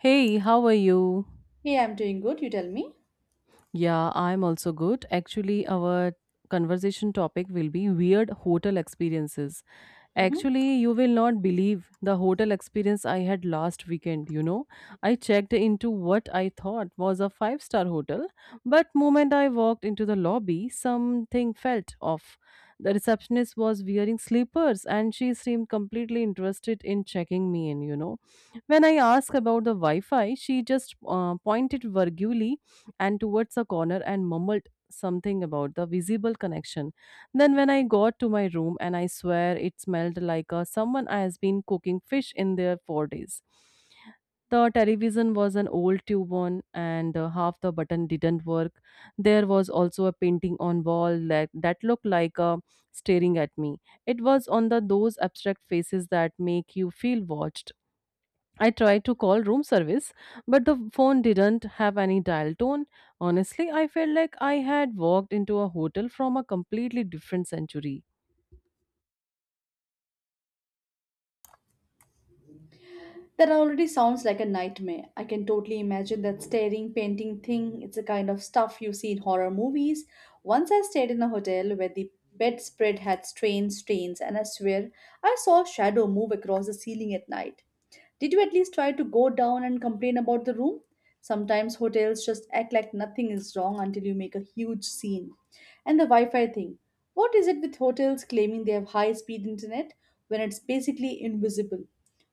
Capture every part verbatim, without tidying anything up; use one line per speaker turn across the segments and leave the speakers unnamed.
Hey, how are you?
Yeah, I'm doing good. You tell me.
Yeah, I'm also good. Actually, our conversation topic will be weird hotel experiences.
Mm-hmm.
Actually, you will not believe the hotel experience I had last weekend, you know. I checked into what I thought was a five-star hotel, but moment I walked into the lobby, something felt off. The receptionist was wearing slippers and she seemed completely interested in checking me in, you know. When I asked about the Wi-Fi, she just uh, pointed vaguely and towards a corner and mumbled something about the visible connection. Then when I got to my room and I swear it smelled like uh, someone has been cooking fish in there for days. The television was an old tube one and uh, half the button didn't work. There was also a painting on wall that, that looked like uh, staring at me. It was on the those abstract faces that make you feel watched. I tried to call room service, but the phone didn't have any dial tone. Honestly, I felt like I had walked into a hotel from a completely different century.
That already sounds like a nightmare. I can totally imagine that staring, painting thing. It's the kind of stuff you see in horror movies. Once I stayed in a hotel where the bedspread had strange stains, and I swear I saw a shadow move across the ceiling at night. Did you at least try to go down and complain about the room? Sometimes hotels just act like nothing is wrong until you make a huge scene. And the Wi Fi thing. What is it with hotels claiming they have high speed internet when it's basically invisible?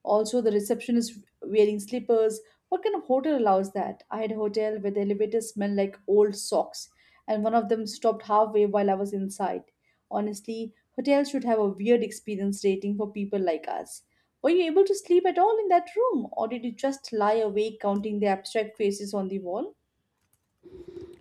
Also, the receptionist wearing slippers, what kind of hotel allows that? I had a hotel where the elevator smelled like old socks, and one of them stopped halfway while I was inside. Honestly, hotels should have a weird experience rating for people like us. Were you able to sleep at all in that room, or did you just lie awake counting the abstract faces on the wall?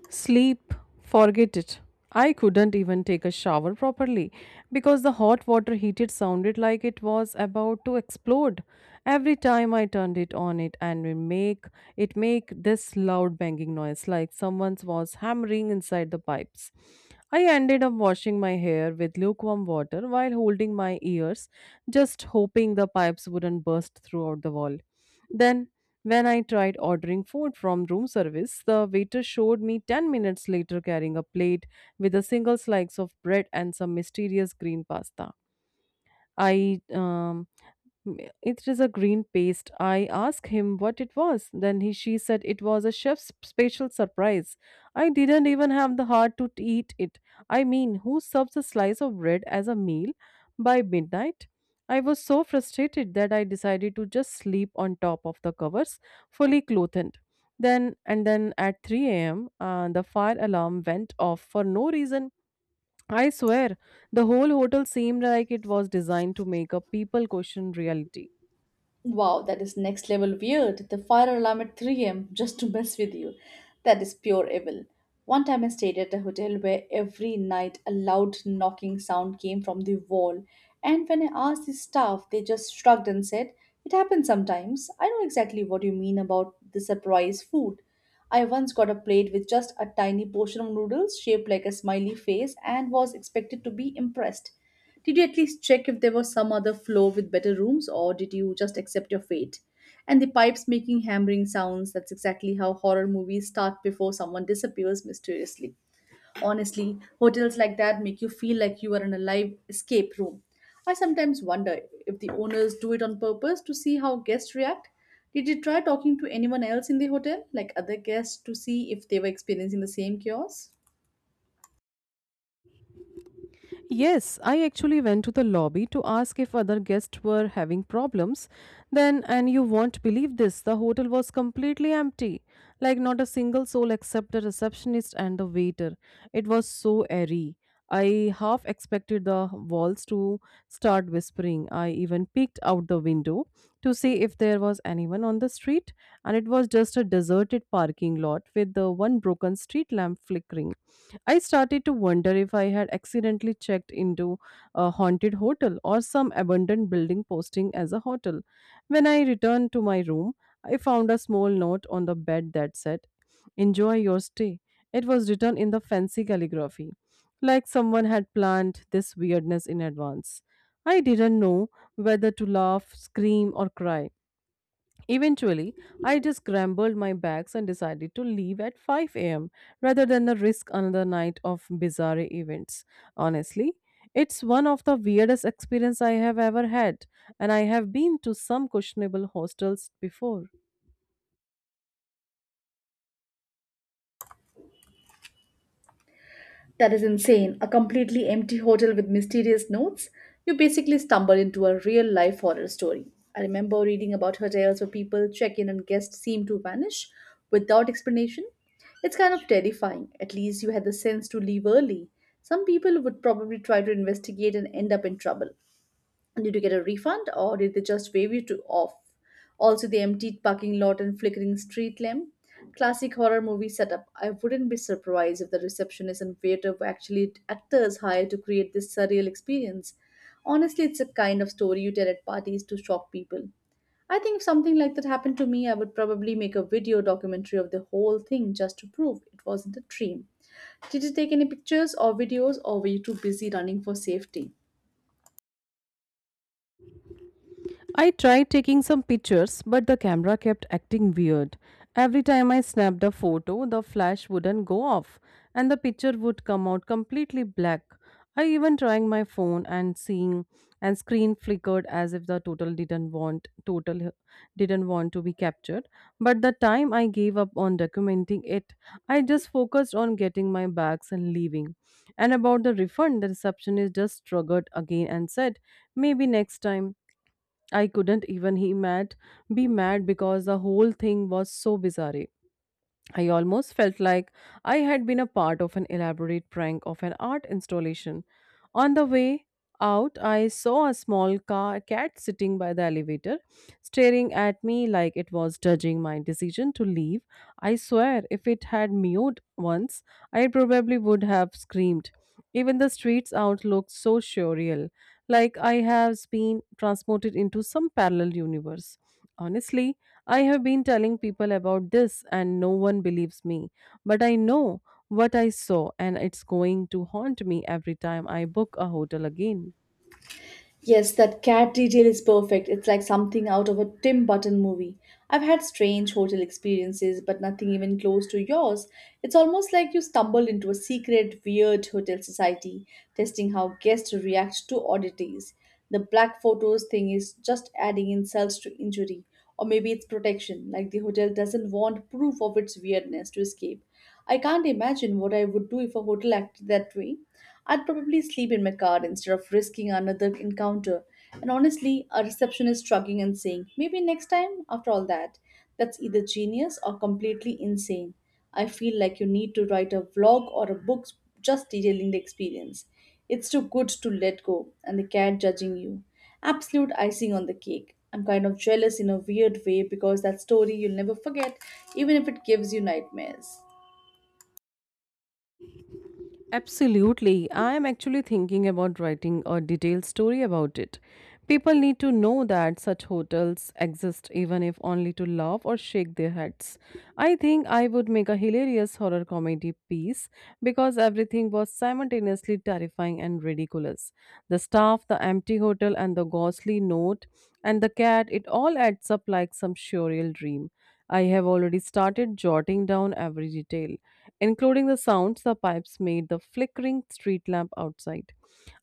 Sleep, forget it. I couldn't even take a shower properly because the hot water heated sounded like it was about to explode. Every time I turned it on it and we make it make this loud banging noise like someone was hammering inside the pipes. I ended up washing my hair with lukewarm water while holding my ears, just hoping the pipes wouldn't burst throughout the wall. Then when I tried ordering food from room service, the waiter showed me ten minutes later carrying a plate with a single slice of bread and some mysterious green pasta. I um, Mm, It is a green paste. I asked him what it was. Then he she said it was a chef's special surprise. I didn't even have the heart to t- eat it. I mean, who serves a slice of bread as a meal by midnight? I was so frustrated that I decided to just sleep on top of the covers, fully clothed. Then and then at three a m, uh, the fire alarm went off for no reason. I swear, the whole hotel seemed like it was designed to make a people question reality.
Wow, that is next level weird. The fire alarm at three a m just to mess with you. That is pure evil. One time I stayed at a hotel where every night a loud knocking sound came from the wall, and when I asked the staff, they just shrugged and said, it happens sometimes. I know exactly what you mean about the surprise food. I once got a plate with just a tiny portion of noodles shaped like a smiley face and was expected to be impressed. Did you at least check if there was some other floor with better rooms, or did you just accept your fate? And the pipes making hammering sounds, that's exactly how horror movies start before someone disappears mysteriously. Honestly, hotels like that make you feel like you are in a live escape room. I sometimes wonder if the owners do it on purpose to see how guests react. Did you try talking to anyone else in the hotel, like other guests, to see if they were experiencing the same chaos?
Yes, I actually went to the lobby to ask if other guests were having problems. Then, and you won't believe this, the hotel was completely empty. Like, not a single soul except the receptionist and the waiter. It was so airy. I half expected the walls to start whispering. I even peeked out the window to see if there was anyone on the street, and it was just a deserted parking lot with the one broken street lamp flickering. I started to wonder if I had accidentally checked into a haunted hotel or some abandoned building posting as a hotel. When I returned to my room, I found a small note on the bed that said, "Enjoy your stay." It was written in the fancy calligraphy, like someone had planned this weirdness in advance. I didn't know whether to laugh, scream, or cry. Eventually, I just scrambled my bags and decided to leave at five a m rather than the risk another night of bizarre events. Honestly, it's one of the weirdest experience I have ever had, and I have been to some questionable hostels before.
That is insane. A completely empty hotel with mysterious notes. You basically stumble into a real life horror story. I remember reading about hotels where people check in and guests seem to vanish without explanation. It's kind of terrifying. At least you had the sense to leave early. Some people would probably try to investigate and end up in trouble. Did you get a refund, or did they just wave you to off? Also, the emptied parking lot and flickering street lamp. Classic horror movie setup. I wouldn't be surprised if the receptionist and waiter were actually actors hired to create this surreal experience. Honestly, it's a kind of story you tell at parties to shock people. I think if something like that happened to me, I would probably make a video documentary of the whole thing just to prove it wasn't a dream. Did you take any pictures or videos, or were you too busy running for safety?
I tried taking some pictures, but the camera kept acting weird. Every time I snapped a photo, the flash wouldn't go off, and the picture would come out completely black. I even trying my phone and seeing and screen flickered as if the total didn't want total didn't want to be captured. But the time I gave up on documenting it, I just focused on getting my bags and leaving. And about the refund, the receptionist just struggled again and said, "Maybe next time." I couldn't even he mad be mad because the whole thing was so bizarre. I almost felt like I had been a part of an elaborate prank of an art installation. On the way out, I saw a small car, cat sitting by the elevator, staring at me like it was judging my decision to leave. I swear, if it had mewed once, I probably would have screamed. Even the streets out looked so surreal, like I have been transported into some parallel universe. Honestly, I have been telling people about this and no one believes me. But I know what I saw and it's going to haunt me every time I book a hotel again.
Yes, that cat detail is perfect. It's like something out of a Tim Burton movie. I've had strange hotel experiences, but nothing even close to yours. It's almost like you stumbled into a secret, weird hotel society, testing how guests react to oddities. The black photos thing is just adding insult to injury, or maybe it's protection, like the hotel doesn't want proof of its weirdness to escape. I can't imagine what I would do if a hotel acted that way. I'd probably sleep in my car instead of risking another encounter. And honestly, a receptionist shrugging and saying, maybe next time, after all that, that's either genius or completely insane. I feel like you need to write a vlog or a book just detailing the experience. It's too good to let go, and the cat judging you. Absolute icing on the cake. I'm kind of jealous in a weird way because that story you'll never forget, even if it gives you nightmares.
Absolutely. I am actually thinking about writing a detailed story about it. People need to know that such hotels exist, even if only to laugh or shake their heads. I think I would make a hilarious horror comedy piece because everything was simultaneously terrifying and ridiculous. The staff, the empty hotel, and the ghostly note, and the cat, it all adds up like some surreal dream. I have already started jotting down every detail including the sounds the pipes made the flickering street lamp outside.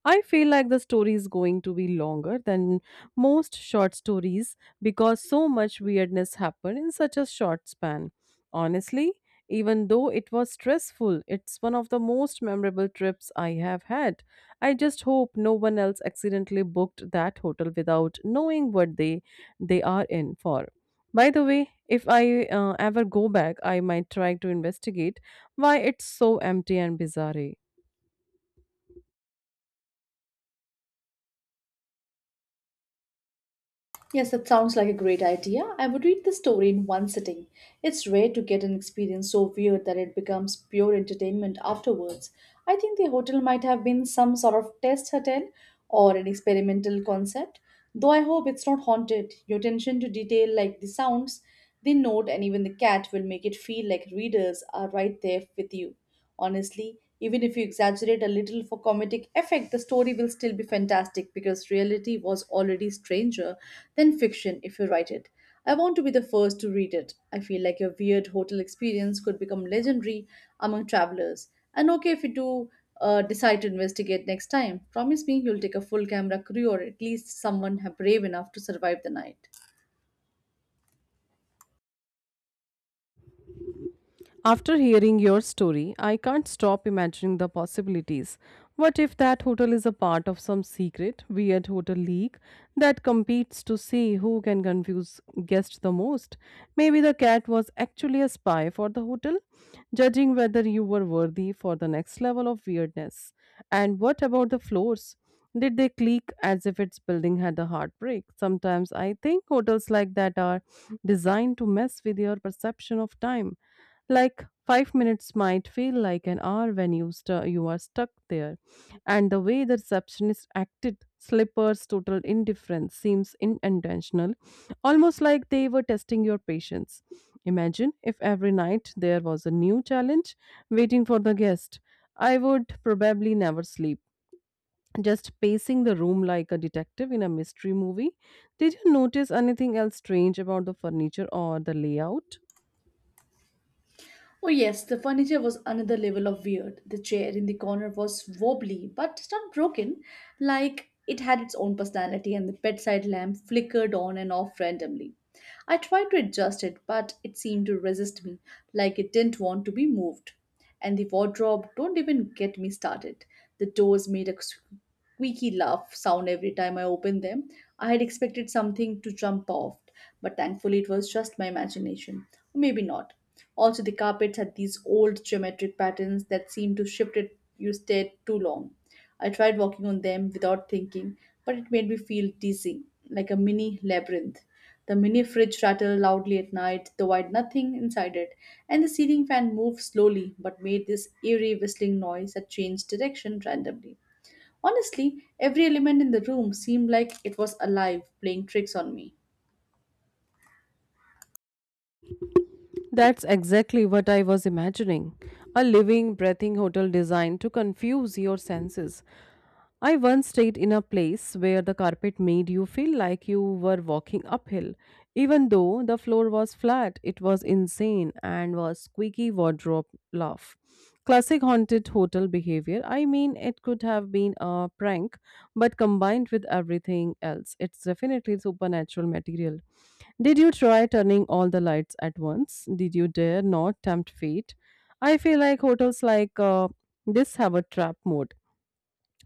I feel like the story is going to be longer than most short stories because so much weirdness happened in such a short span. Honestly, even though it was stressful, it's one of the most memorable trips I have had. I just hope no one else accidentally booked that hotel without knowing what they they are in for. By the way, if I uh, ever go back, I might try to investigate why it's so empty and bizarre.
Yes, that sounds like a great idea. I would read the story in one sitting. It's rare to get an experience so weird that it becomes pure entertainment afterwards. I think the hotel might have been some sort of test hotel or an experimental concept, though I hope it's not haunted. Your attention to detail, like the sounds, the note, and even the cat, will make it feel like readers are right there with you. Honestly, even if you exaggerate a little for comedic effect, the story will still be fantastic because reality was already stranger than fiction if you write it. I want to be the first to read it. I feel like your weird hotel experience could become legendary among travelers. And okay, if you do uh, decide to investigate next time, promise me you'll take a full camera crew or at least someone ha- brave enough to survive the night.
After hearing your story, I can't stop imagining the possibilities. What if that hotel is a part of some secret, weird hotel league that competes to see who can confuse guests the most? Maybe the cat was actually a spy for the hotel, judging whether you were worthy for the next level of weirdness. And what about the floors? Did they click as if its building had a heartbreak? Sometimes I think hotels like that are designed to mess with your perception of time like five minutes might feel like an hour when you, stu- you are stuck there. And the way the receptionist acted, Slipper's total indifference seems in- intentional. Almost like they were testing your patience. Imagine if every night there was a new challenge waiting for the guest. I would probably never sleep. Just pacing the room like a detective in a mystery movie. Did you notice anything else strange about the furniture or the layout?
Oh yes, the furniture was another level of weird. The chair in the corner was wobbly, but not broken, like it had its own personality, and the bedside lamp flickered on and off randomly. I tried to adjust it, but it seemed to resist me, like it didn't want to be moved. And the wardrobe, don't even get me started. The doors made a squeaky laugh sound every time I opened them. I had expected something to jump off, but thankfully it was just my imagination. Or maybe not. Also, the carpets had these old geometric patterns that seemed to shift it you stared too long. I tried walking on them without thinking, but it made me feel dizzy, like a mini labyrinth. The mini fridge rattled loudly at night, though I had nothing inside it, and the ceiling fan moved slowly but made this eerie whistling noise that changed direction randomly. Honestly, every element in the room seemed like it was alive, playing tricks on me.
That's exactly what I was imagining. A living, breathing hotel designed to confuse your senses. I once stayed in a place where the carpet made you feel like you were walking uphill. Even though the floor was flat, it was insane and was squeaky wardrobe laugh. Classic haunted hotel behavior. I mean, it could have been a prank, but combined with everything else, it's definitely supernatural material. Did you try turning all the lights at once? Did you dare not tempt fate? I feel like hotels like uh, this have a trap mode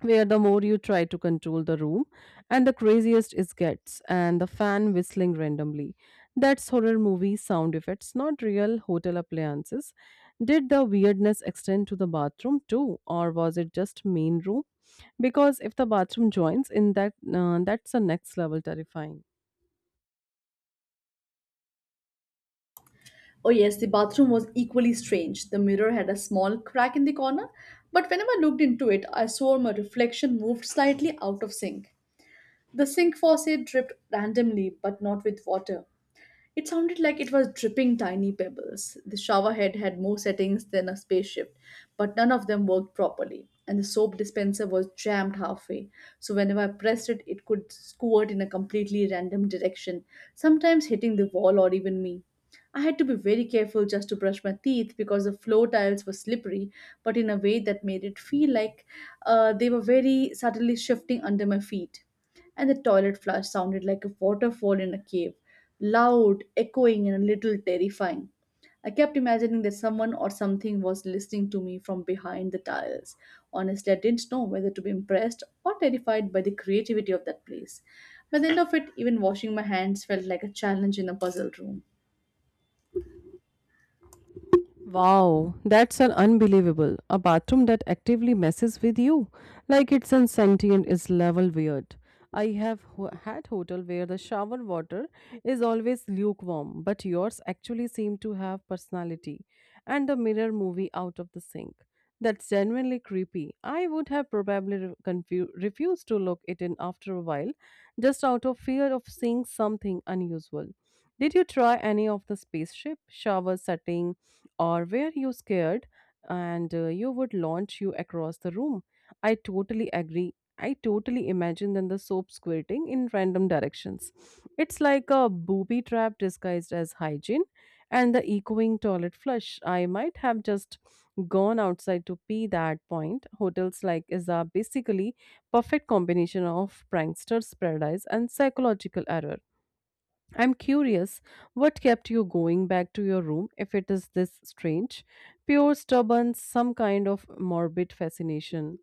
where the more you try to control the room and the craziest it gets. And the fan whistling randomly, that's horror movie sound effects, not real hotel appliances. Did the weirdness extend to the bathroom too, or was it just main room? Because if the bathroom joins in, that uh, that's the next level terrifying.
Oh yes, the bathroom was equally strange. The mirror had a small crack in the corner, but whenever I looked into it, I saw my reflection moved slightly out of sync. The sink faucet dripped randomly, but not with water. It sounded like it was dripping tiny pebbles. The showerhead had more settings than a spaceship, but none of them worked properly, and the soap dispenser was jammed halfway. So whenever I pressed it, it could squirt in a completely random direction, sometimes hitting the wall or even me. I had to be very careful just to brush my teeth because the floor tiles were slippery, but in a way that made it feel like uh, they were very subtly shifting under my feet, and the toilet flush sounded like a waterfall in a cave, loud, echoing, and a little terrifying. I kept imagining that someone or something was listening to me from behind the tiles. Honestly, I didn't know whether to be impressed or terrified by the creativity of that place. By the end of it, even washing my hands felt like a challenge in a puzzle room.
Wow, that's an unbelievable. A bathroom that actively messes with you, like it's an sentient, is level weird. I have ho- had hotel where the shower water is always lukewarm, but yours actually seem to have personality, and the mirror movie out of the sink. That's genuinely creepy. I would have probably re- confu- refused to look it in after a while, just out of fear of seeing something unusual. Did you try any of the spaceship shower setting? Or were you scared and uh, you would launch you across the room. I totally agree. I totally imagine then the soap squirting in random directions. It's like a booby trap disguised as hygiene. And the echoing toilet flush, I might have just gone outside to pee that point. Hotels like is a basically perfect combination of pranksters paradise and psychological error. I'm curious what kept you going back to your room. If it is this strange, pure stubborn, some kind of morbid fascination.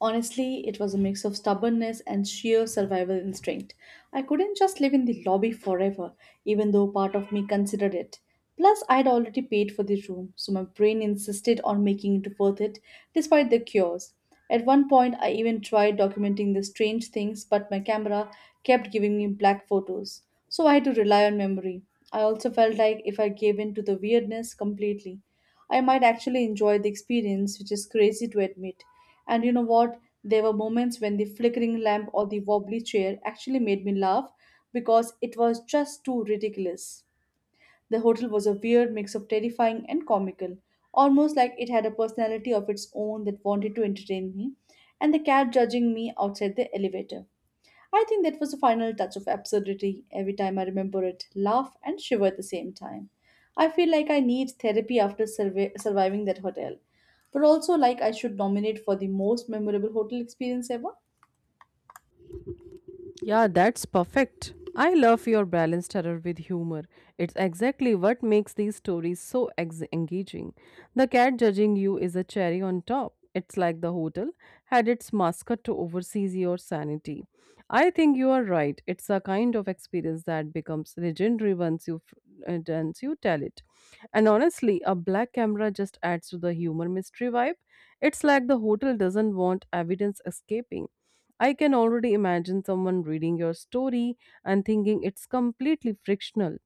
Honestly, it was a mix of stubbornness and sheer survival instinct. I couldn't just live in the lobby forever, even though part of me considered it. Plus, I'd already paid for the room, so my brain insisted on making it worth it, despite the cures. At one point, I even tried documenting the strange things, but my camera kept giving me black photos, so I had to rely on memory. I also felt like if I gave in to the weirdness completely, I might actually enjoy the experience, which is crazy to admit. And you know what? There were moments when the flickering lamp or the wobbly chair actually made me laugh because it was just too ridiculous. The hotel was a weird mix of terrifying and comical, almost like it had a personality of its own that wanted to entertain me, and the cat judging me outside the elevator. I think that was the final touch of absurdity. Every time I remember it, laugh and shiver at the same time. I feel like I need therapy after survi- surviving that hotel, but also like I should nominate for the most memorable hotel experience ever.
Yeah, that's perfect. I love your balanced terror with humor. It's exactly what makes these stories so ex- engaging. The cat judging you is a cherry on top. It's like the hotel had its mascot to oversee your sanity. I think you are right. It's a kind of experience that becomes legendary once you f- uh, once you tell it. And honestly, a black camera just adds to the humor mystery vibe. It's like the hotel doesn't want evidence escaping. I can already imagine someone reading your story and thinking it's completely frictional,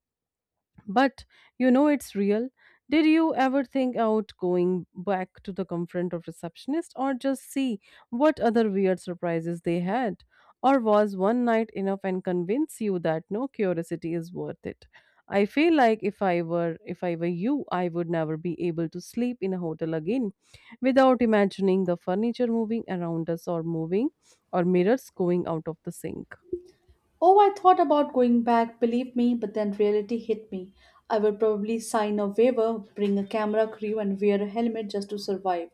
but you know it's real. Did you ever think out going back to the confront of receptionist or just see what other weird surprises they had? Or was one night enough and convince you that no curiosity is worth it? I feel like if I were if I were you, I would never be able to sleep in a hotel again without imagining the furniture moving around us or moving or mirrors going out of the sink.
Oh, I thought about going back, believe me, but then reality hit me. I would probably sign a waiver, bring a camera crew, and wear a helmet just to survive.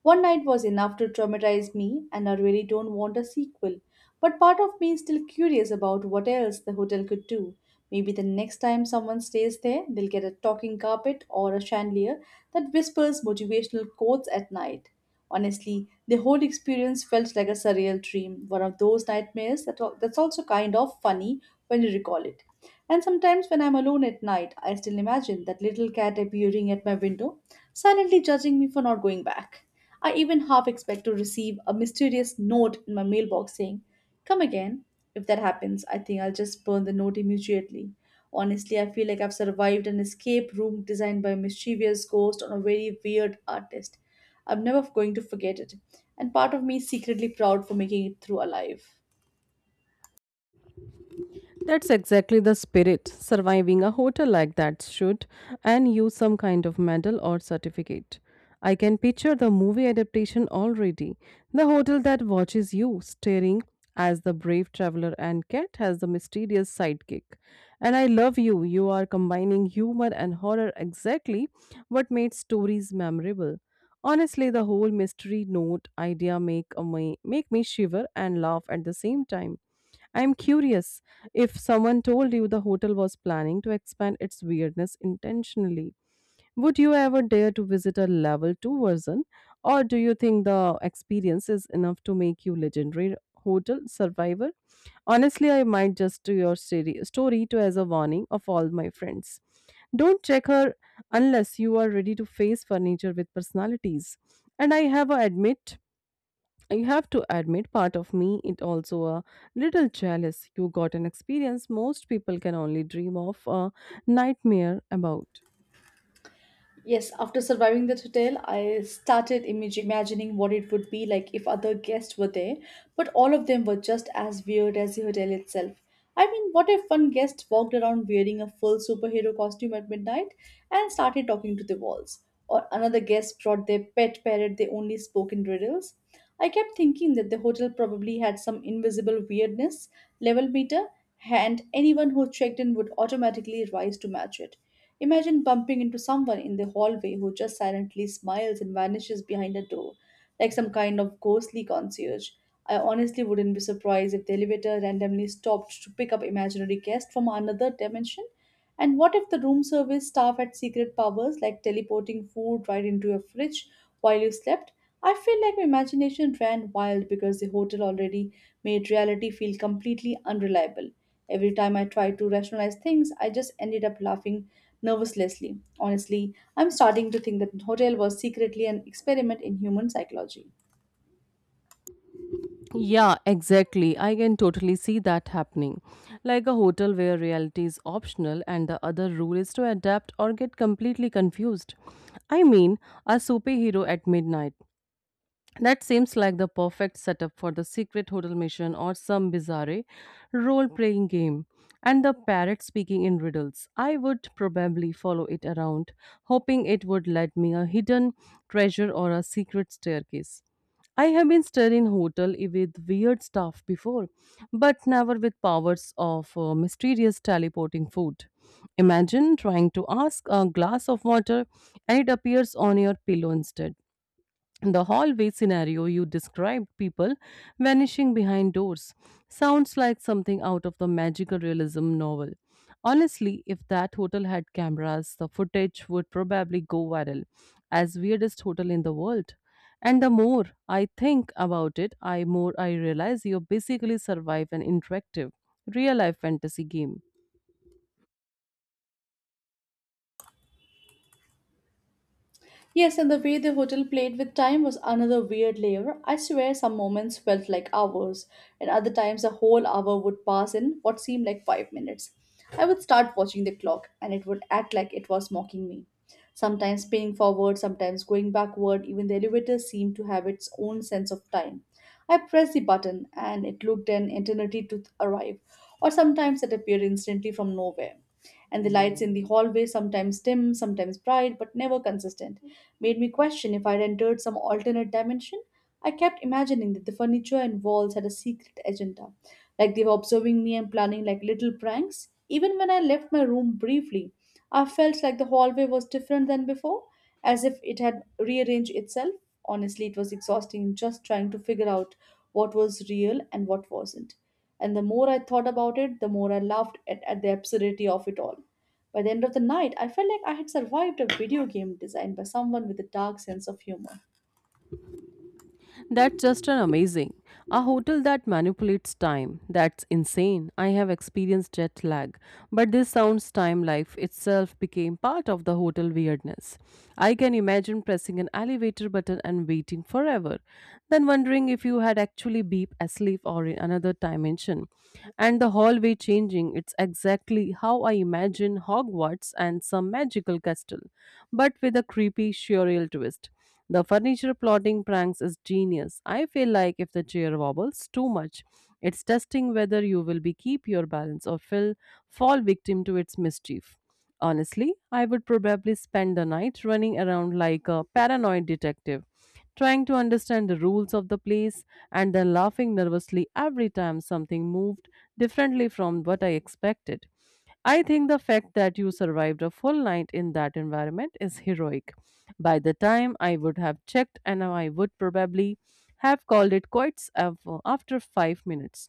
One night was enough to traumatize me, and I really don't want a sequel. But part of me is still curious about what else the hotel could do. Maybe the next time someone stays there, they'll get a talking carpet or a chandelier that whispers motivational quotes at night. Honestly, the whole experience felt like a surreal dream, one of those nightmares that, al- that's also kind of funny when you recall it. And sometimes when I'm alone at night, I still imagine that little cat appearing at my window silently judging me for not going back. I even half expect to receive a mysterious note in my mailbox saying, "Come again." If that happens, I think I'll just burn the note immediately. Honestly, I feel like I've survived an escape room designed by a mischievous ghost on a very weird artist. I'm never going to forget it, and part of me is secretly proud for making it through alive.
That's exactly the spirit. Surviving a hotel like that should and you some kind of medal or certificate. I can picture the movie adaptation already. The hotel that watches you, staring as the brave traveler and cat has the mysterious sidekick. And I love you. You are combining humor and horror exactly what made stories memorable. Honestly, the whole mystery note idea make a me, make me shiver and laugh at the same time. I'm curious if someone told you the hotel was planning to expand its weirdness intentionally. Would you ever dare to visit a level two version? Or do you think the experience is enough to make you legendary hotel survivor? Honestly, I might just do your story, story to as a warning of all my friends. Don't check her unless you are ready to face furniture with personalities. And I have a admit I have to admit, part of me is also a little jealous. You got an experience most people can only dream of, a nightmare about.
Yes, after surviving that hotel, I started imag- imagining what it would be like if other guests were there, but all of them were just as weird as the hotel itself. I mean, what if one guest walked around wearing a full superhero costume at midnight and started talking to the walls? Or another guest brought their pet parrot they only spoke in riddles? I kept thinking that the hotel probably had some invisible weirdness level meter, and anyone who checked in would automatically rise to match it. Imagine bumping into someone in the hallway who just silently smiles and vanishes behind a door, like some kind of ghostly concierge. I honestly wouldn't be surprised if the elevator randomly stopped to pick up imaginary guests from another dimension. And what if the room service staff had secret powers like teleporting food right into your fridge while you slept? I feel like my imagination ran wild because the hotel already made reality feel completely unreliable. Every time I tried to rationalize things, I just ended up laughing nervously. Honestly, I'm starting to think that the hotel was secretly an experiment in human psychology.
Yeah, exactly. I can totally see that happening. Like a hotel where reality is optional and the other rule is to adapt or get completely confused. I mean, a superhero at midnight. That seems like the perfect setup for the secret hotel mission or some bizarre role playing game. And the parrot speaking in riddles. I would probably follow it around, hoping it would let me a hidden treasure or a secret staircase. I have been stayed in hotel I- with weird stuff before, but never with powers of uh, mysterious teleporting food. Imagine trying to ask a glass of water and it appears on your pillow instead. The hallway scenario you described, people vanishing behind doors, sounds like something out of the magical realism novel. Honestly, if that hotel had cameras, the footage would probably go viral as weirdest hotel in the world. And the more I think about it, I more I realize you basically survive an interactive real life fantasy game.
Yes, and the way the hotel played with time was another weird layer. I swear some moments felt like hours, and other times a whole hour would pass in what seemed like five minutes. I would start watching the clock, and it would act like it was mocking me. Sometimes spinning forward, sometimes going backward, even the elevator seemed to have its own sense of time. I pressed the button, and it looked an eternity to arrive, or sometimes it appeared instantly from nowhere and the lights in the hallway sometimes dim, sometimes bright, but never consistent made me question if I'd entered some alternate dimension. I kept imagining that the furniture and walls had a secret agenda, like they were observing me and planning like little pranks. Even when I left my room briefly, I felt like the hallway was different than before, as if it had rearranged itself. Honestly, it was exhausting just trying to figure out what was real and what wasn't. And the more I thought about it, the more I laughed at, at the absurdity of it all. By the end of the night, I felt like I had survived a video game designed by someone with a dark sense of humor.
That's just an amazing. A hotel that manipulates time. That's insane. I have experienced jet lag, but this sounds time life itself became part of the hotel weirdness. I can imagine pressing an elevator button and waiting forever, then wondering if you had actually been asleep or in another dimension. And the hallway changing, it's exactly how I imagine Hogwarts and some magical castle, but with a creepy surreal twist. The furniture plotting pranks is genius. I feel like if the chair wobbles too much, it's testing whether you will be keep your balance or fill, fall victim to its mischief. Honestly, I would probably spend the night running around like a paranoid detective, trying to understand the rules of the place and then laughing nervously every time something moved differently from what I expected. I think the fact that you survived a full night in that environment is heroic. By the time I would have checked, and I would probably have called it quits af- after five minutes.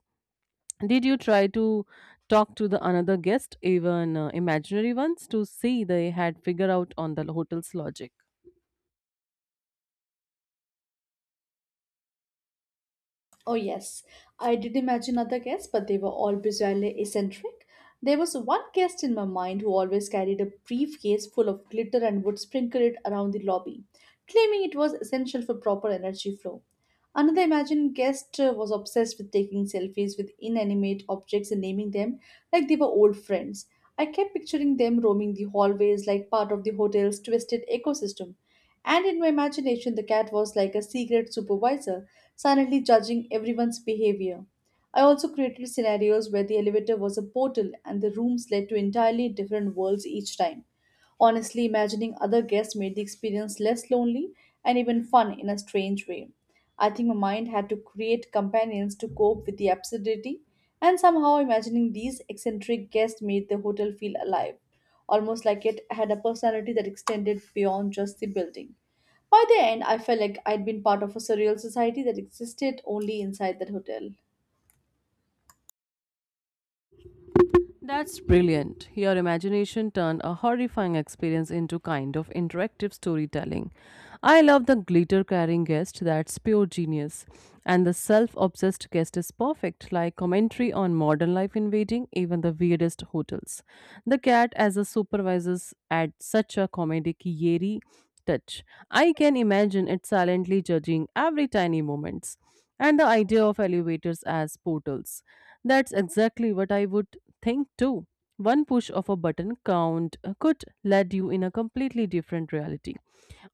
Did you try to talk to the another guest, even uh, imaginary ones, to see they had figured out on the hotel's logic?
Oh, yes, I did imagine other guests, but they were all bizarrely eccentric. There was one guest in my mind who always carried a briefcase full of glitter and would sprinkle it around the lobby, claiming it was essential for proper energy flow. Another imagined guest uh, was obsessed with taking selfies with inanimate objects and naming them like they were old friends. I kept picturing them roaming the hallways like part of the hotel's twisted ecosystem. And in my imagination, the cat was like a secret supervisor, silently judging everyone's behavior. I also created scenarios where the elevator was a portal and the rooms led to entirely different worlds each time. Honestly, imagining other guests made the experience less lonely and even fun in a strange way. I think my mind had to create companions to cope with the absurdity, and somehow imagining these eccentric guests made the hotel feel alive, almost like it had a personality that extended beyond just the building. By the end, I felt like I'd been part of a surreal society that existed only inside that hotel.
That's brilliant. Your imagination turned a horrifying experience into kind of interactive storytelling. I love the glitter carrying guest, that's pure genius. And the self obsessed guest is perfect, like commentary on modern life invading even the weirdest hotels. The cat as a supervisor's adds such a comedic eerie touch. I can imagine it silently judging every tiny moment and the idea of elevators as portals. That's exactly what I would think too. One push of a button count uh, could lead you in a completely different reality.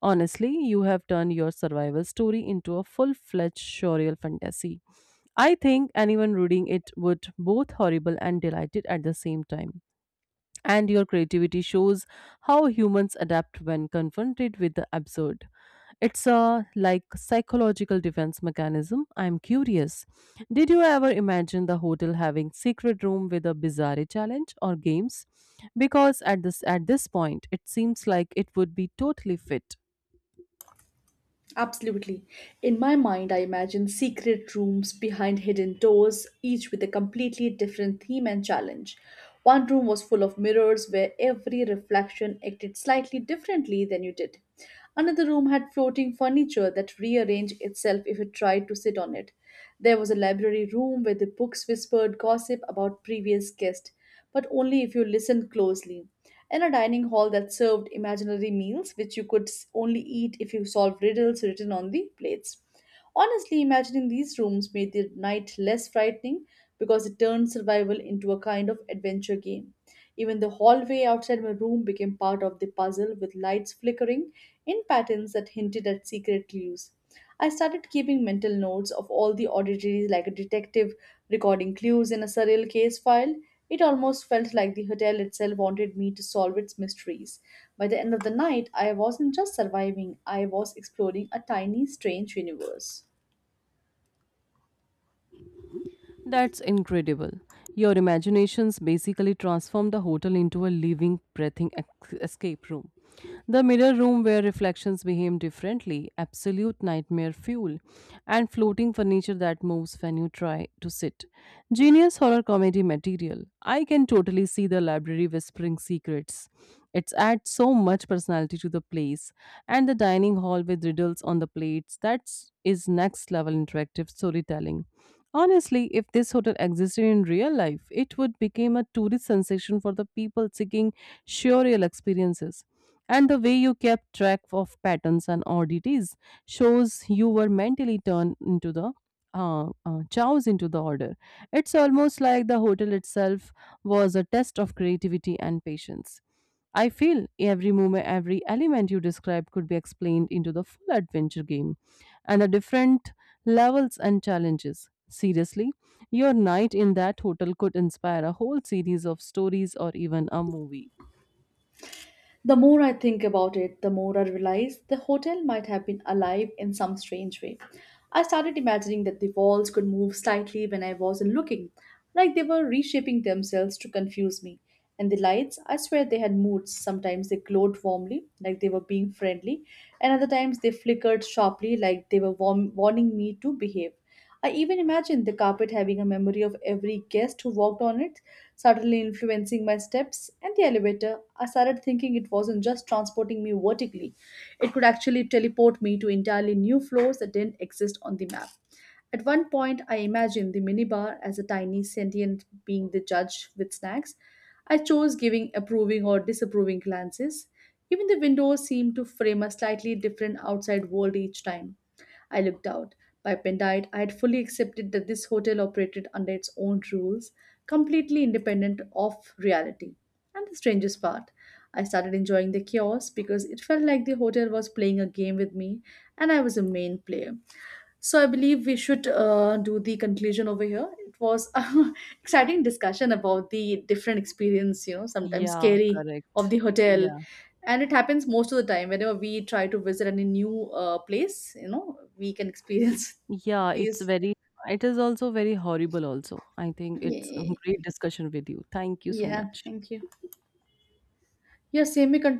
Honestly, you have turned your survival story into a full fledged surreal fantasy. I think anyone reading it would both horrible and delighted at the same time. And your creativity shows how humans adapt when confronted with the absurd. It's a like psychological defense mechanism. I'm curious. Did you ever imagine the hotel having secret room with a bizarre challenge or games? Because at this at this point, it seems like it would be totally fit.
Absolutely. In my mind, I imagine secret rooms behind hidden doors, each with a completely different theme and challenge. One room was full of mirrors where every reflection acted slightly differently than you did. Another room had floating furniture that rearranged itself if you tried to sit on it. There was a library room where the books whispered gossip about previous guests, but only if you listened closely, and a dining hall that served imaginary meals which you could s- only eat if you solved riddles written on the plates. Honestly, imagining these rooms made the night less frightening because it turned survival into a kind of adventure game. Even the hallway outside my room became part of the puzzle, with lights flickering in patterns that hinted at secret clues. I started keeping mental notes of all the oddities, like a detective recording clues in a surreal case file. It almost felt like the hotel itself wanted me to solve its mysteries. By the end of the night, I wasn't just surviving, I was exploring a tiny, strange universe.
That's incredible. Your imaginations basically transform the hotel into a living, breathing ex- escape room. The mirror room where reflections behave differently, absolute nightmare fuel, and floating furniture that moves when you try to sit. Genius horror comedy material. I can totally see the library whispering secrets. It adds so much personality to the place, and the dining hall with riddles on the plates. That's is next level interactive storytelling. Honestly, if this hotel existed in real life, it would become a tourist sensation for the people seeking surreal experiences. And the way you kept track of patterns and oddities shows you were mentally turned into the uh, uh, chows into the order. It's almost like the hotel itself was a test of creativity and patience. I feel every moment, every element you described could be explained into the full adventure game and the different levels and challenges. Seriously, your night in that hotel could inspire a whole series of stories or even a movie.
The more I think about it, the more I realize the hotel might have been alive in some strange way. I started imagining that the walls could move slightly when I wasn't looking, like they were reshaping themselves to confuse me. And the lights, I swear they had moods. Sometimes they glowed warmly, like they were being friendly, and other times they flickered sharply, like they were warm- warning me to behave. I even imagined the carpet having a memory of every guest who walked on it, subtly influencing my steps, and the elevator, I started thinking it wasn't just transporting me vertically, it could actually teleport me to entirely new floors that didn't exist on the map. At one point, I imagined the minibar as a tiny sentient being, the judge with snacks I chose, giving approving or disapproving glances. Even the windows seemed to frame a slightly different outside world each time I looked out. By midnight, I had fully accepted that this hotel operated under its own rules, completely independent of reality. And the strangest part, I started enjoying the chaos because it felt like the hotel was playing a game with me and I was a main player. So I believe we should uh, do the conclusion over here. It was a exciting discussion about the different experience, you know, sometimes
Yeah,
scary of
correct.
the hotel,
Yeah.
and it happens most of the time whenever we try to visit any new uh, place. You know, we can
Mm.
experience
Yeah, it's
these.
very it is also very horrible also. I think it's a
Yeah,
great discussion with you. Thank you so
yeah,
much.
thank you. Yeah, same. We continue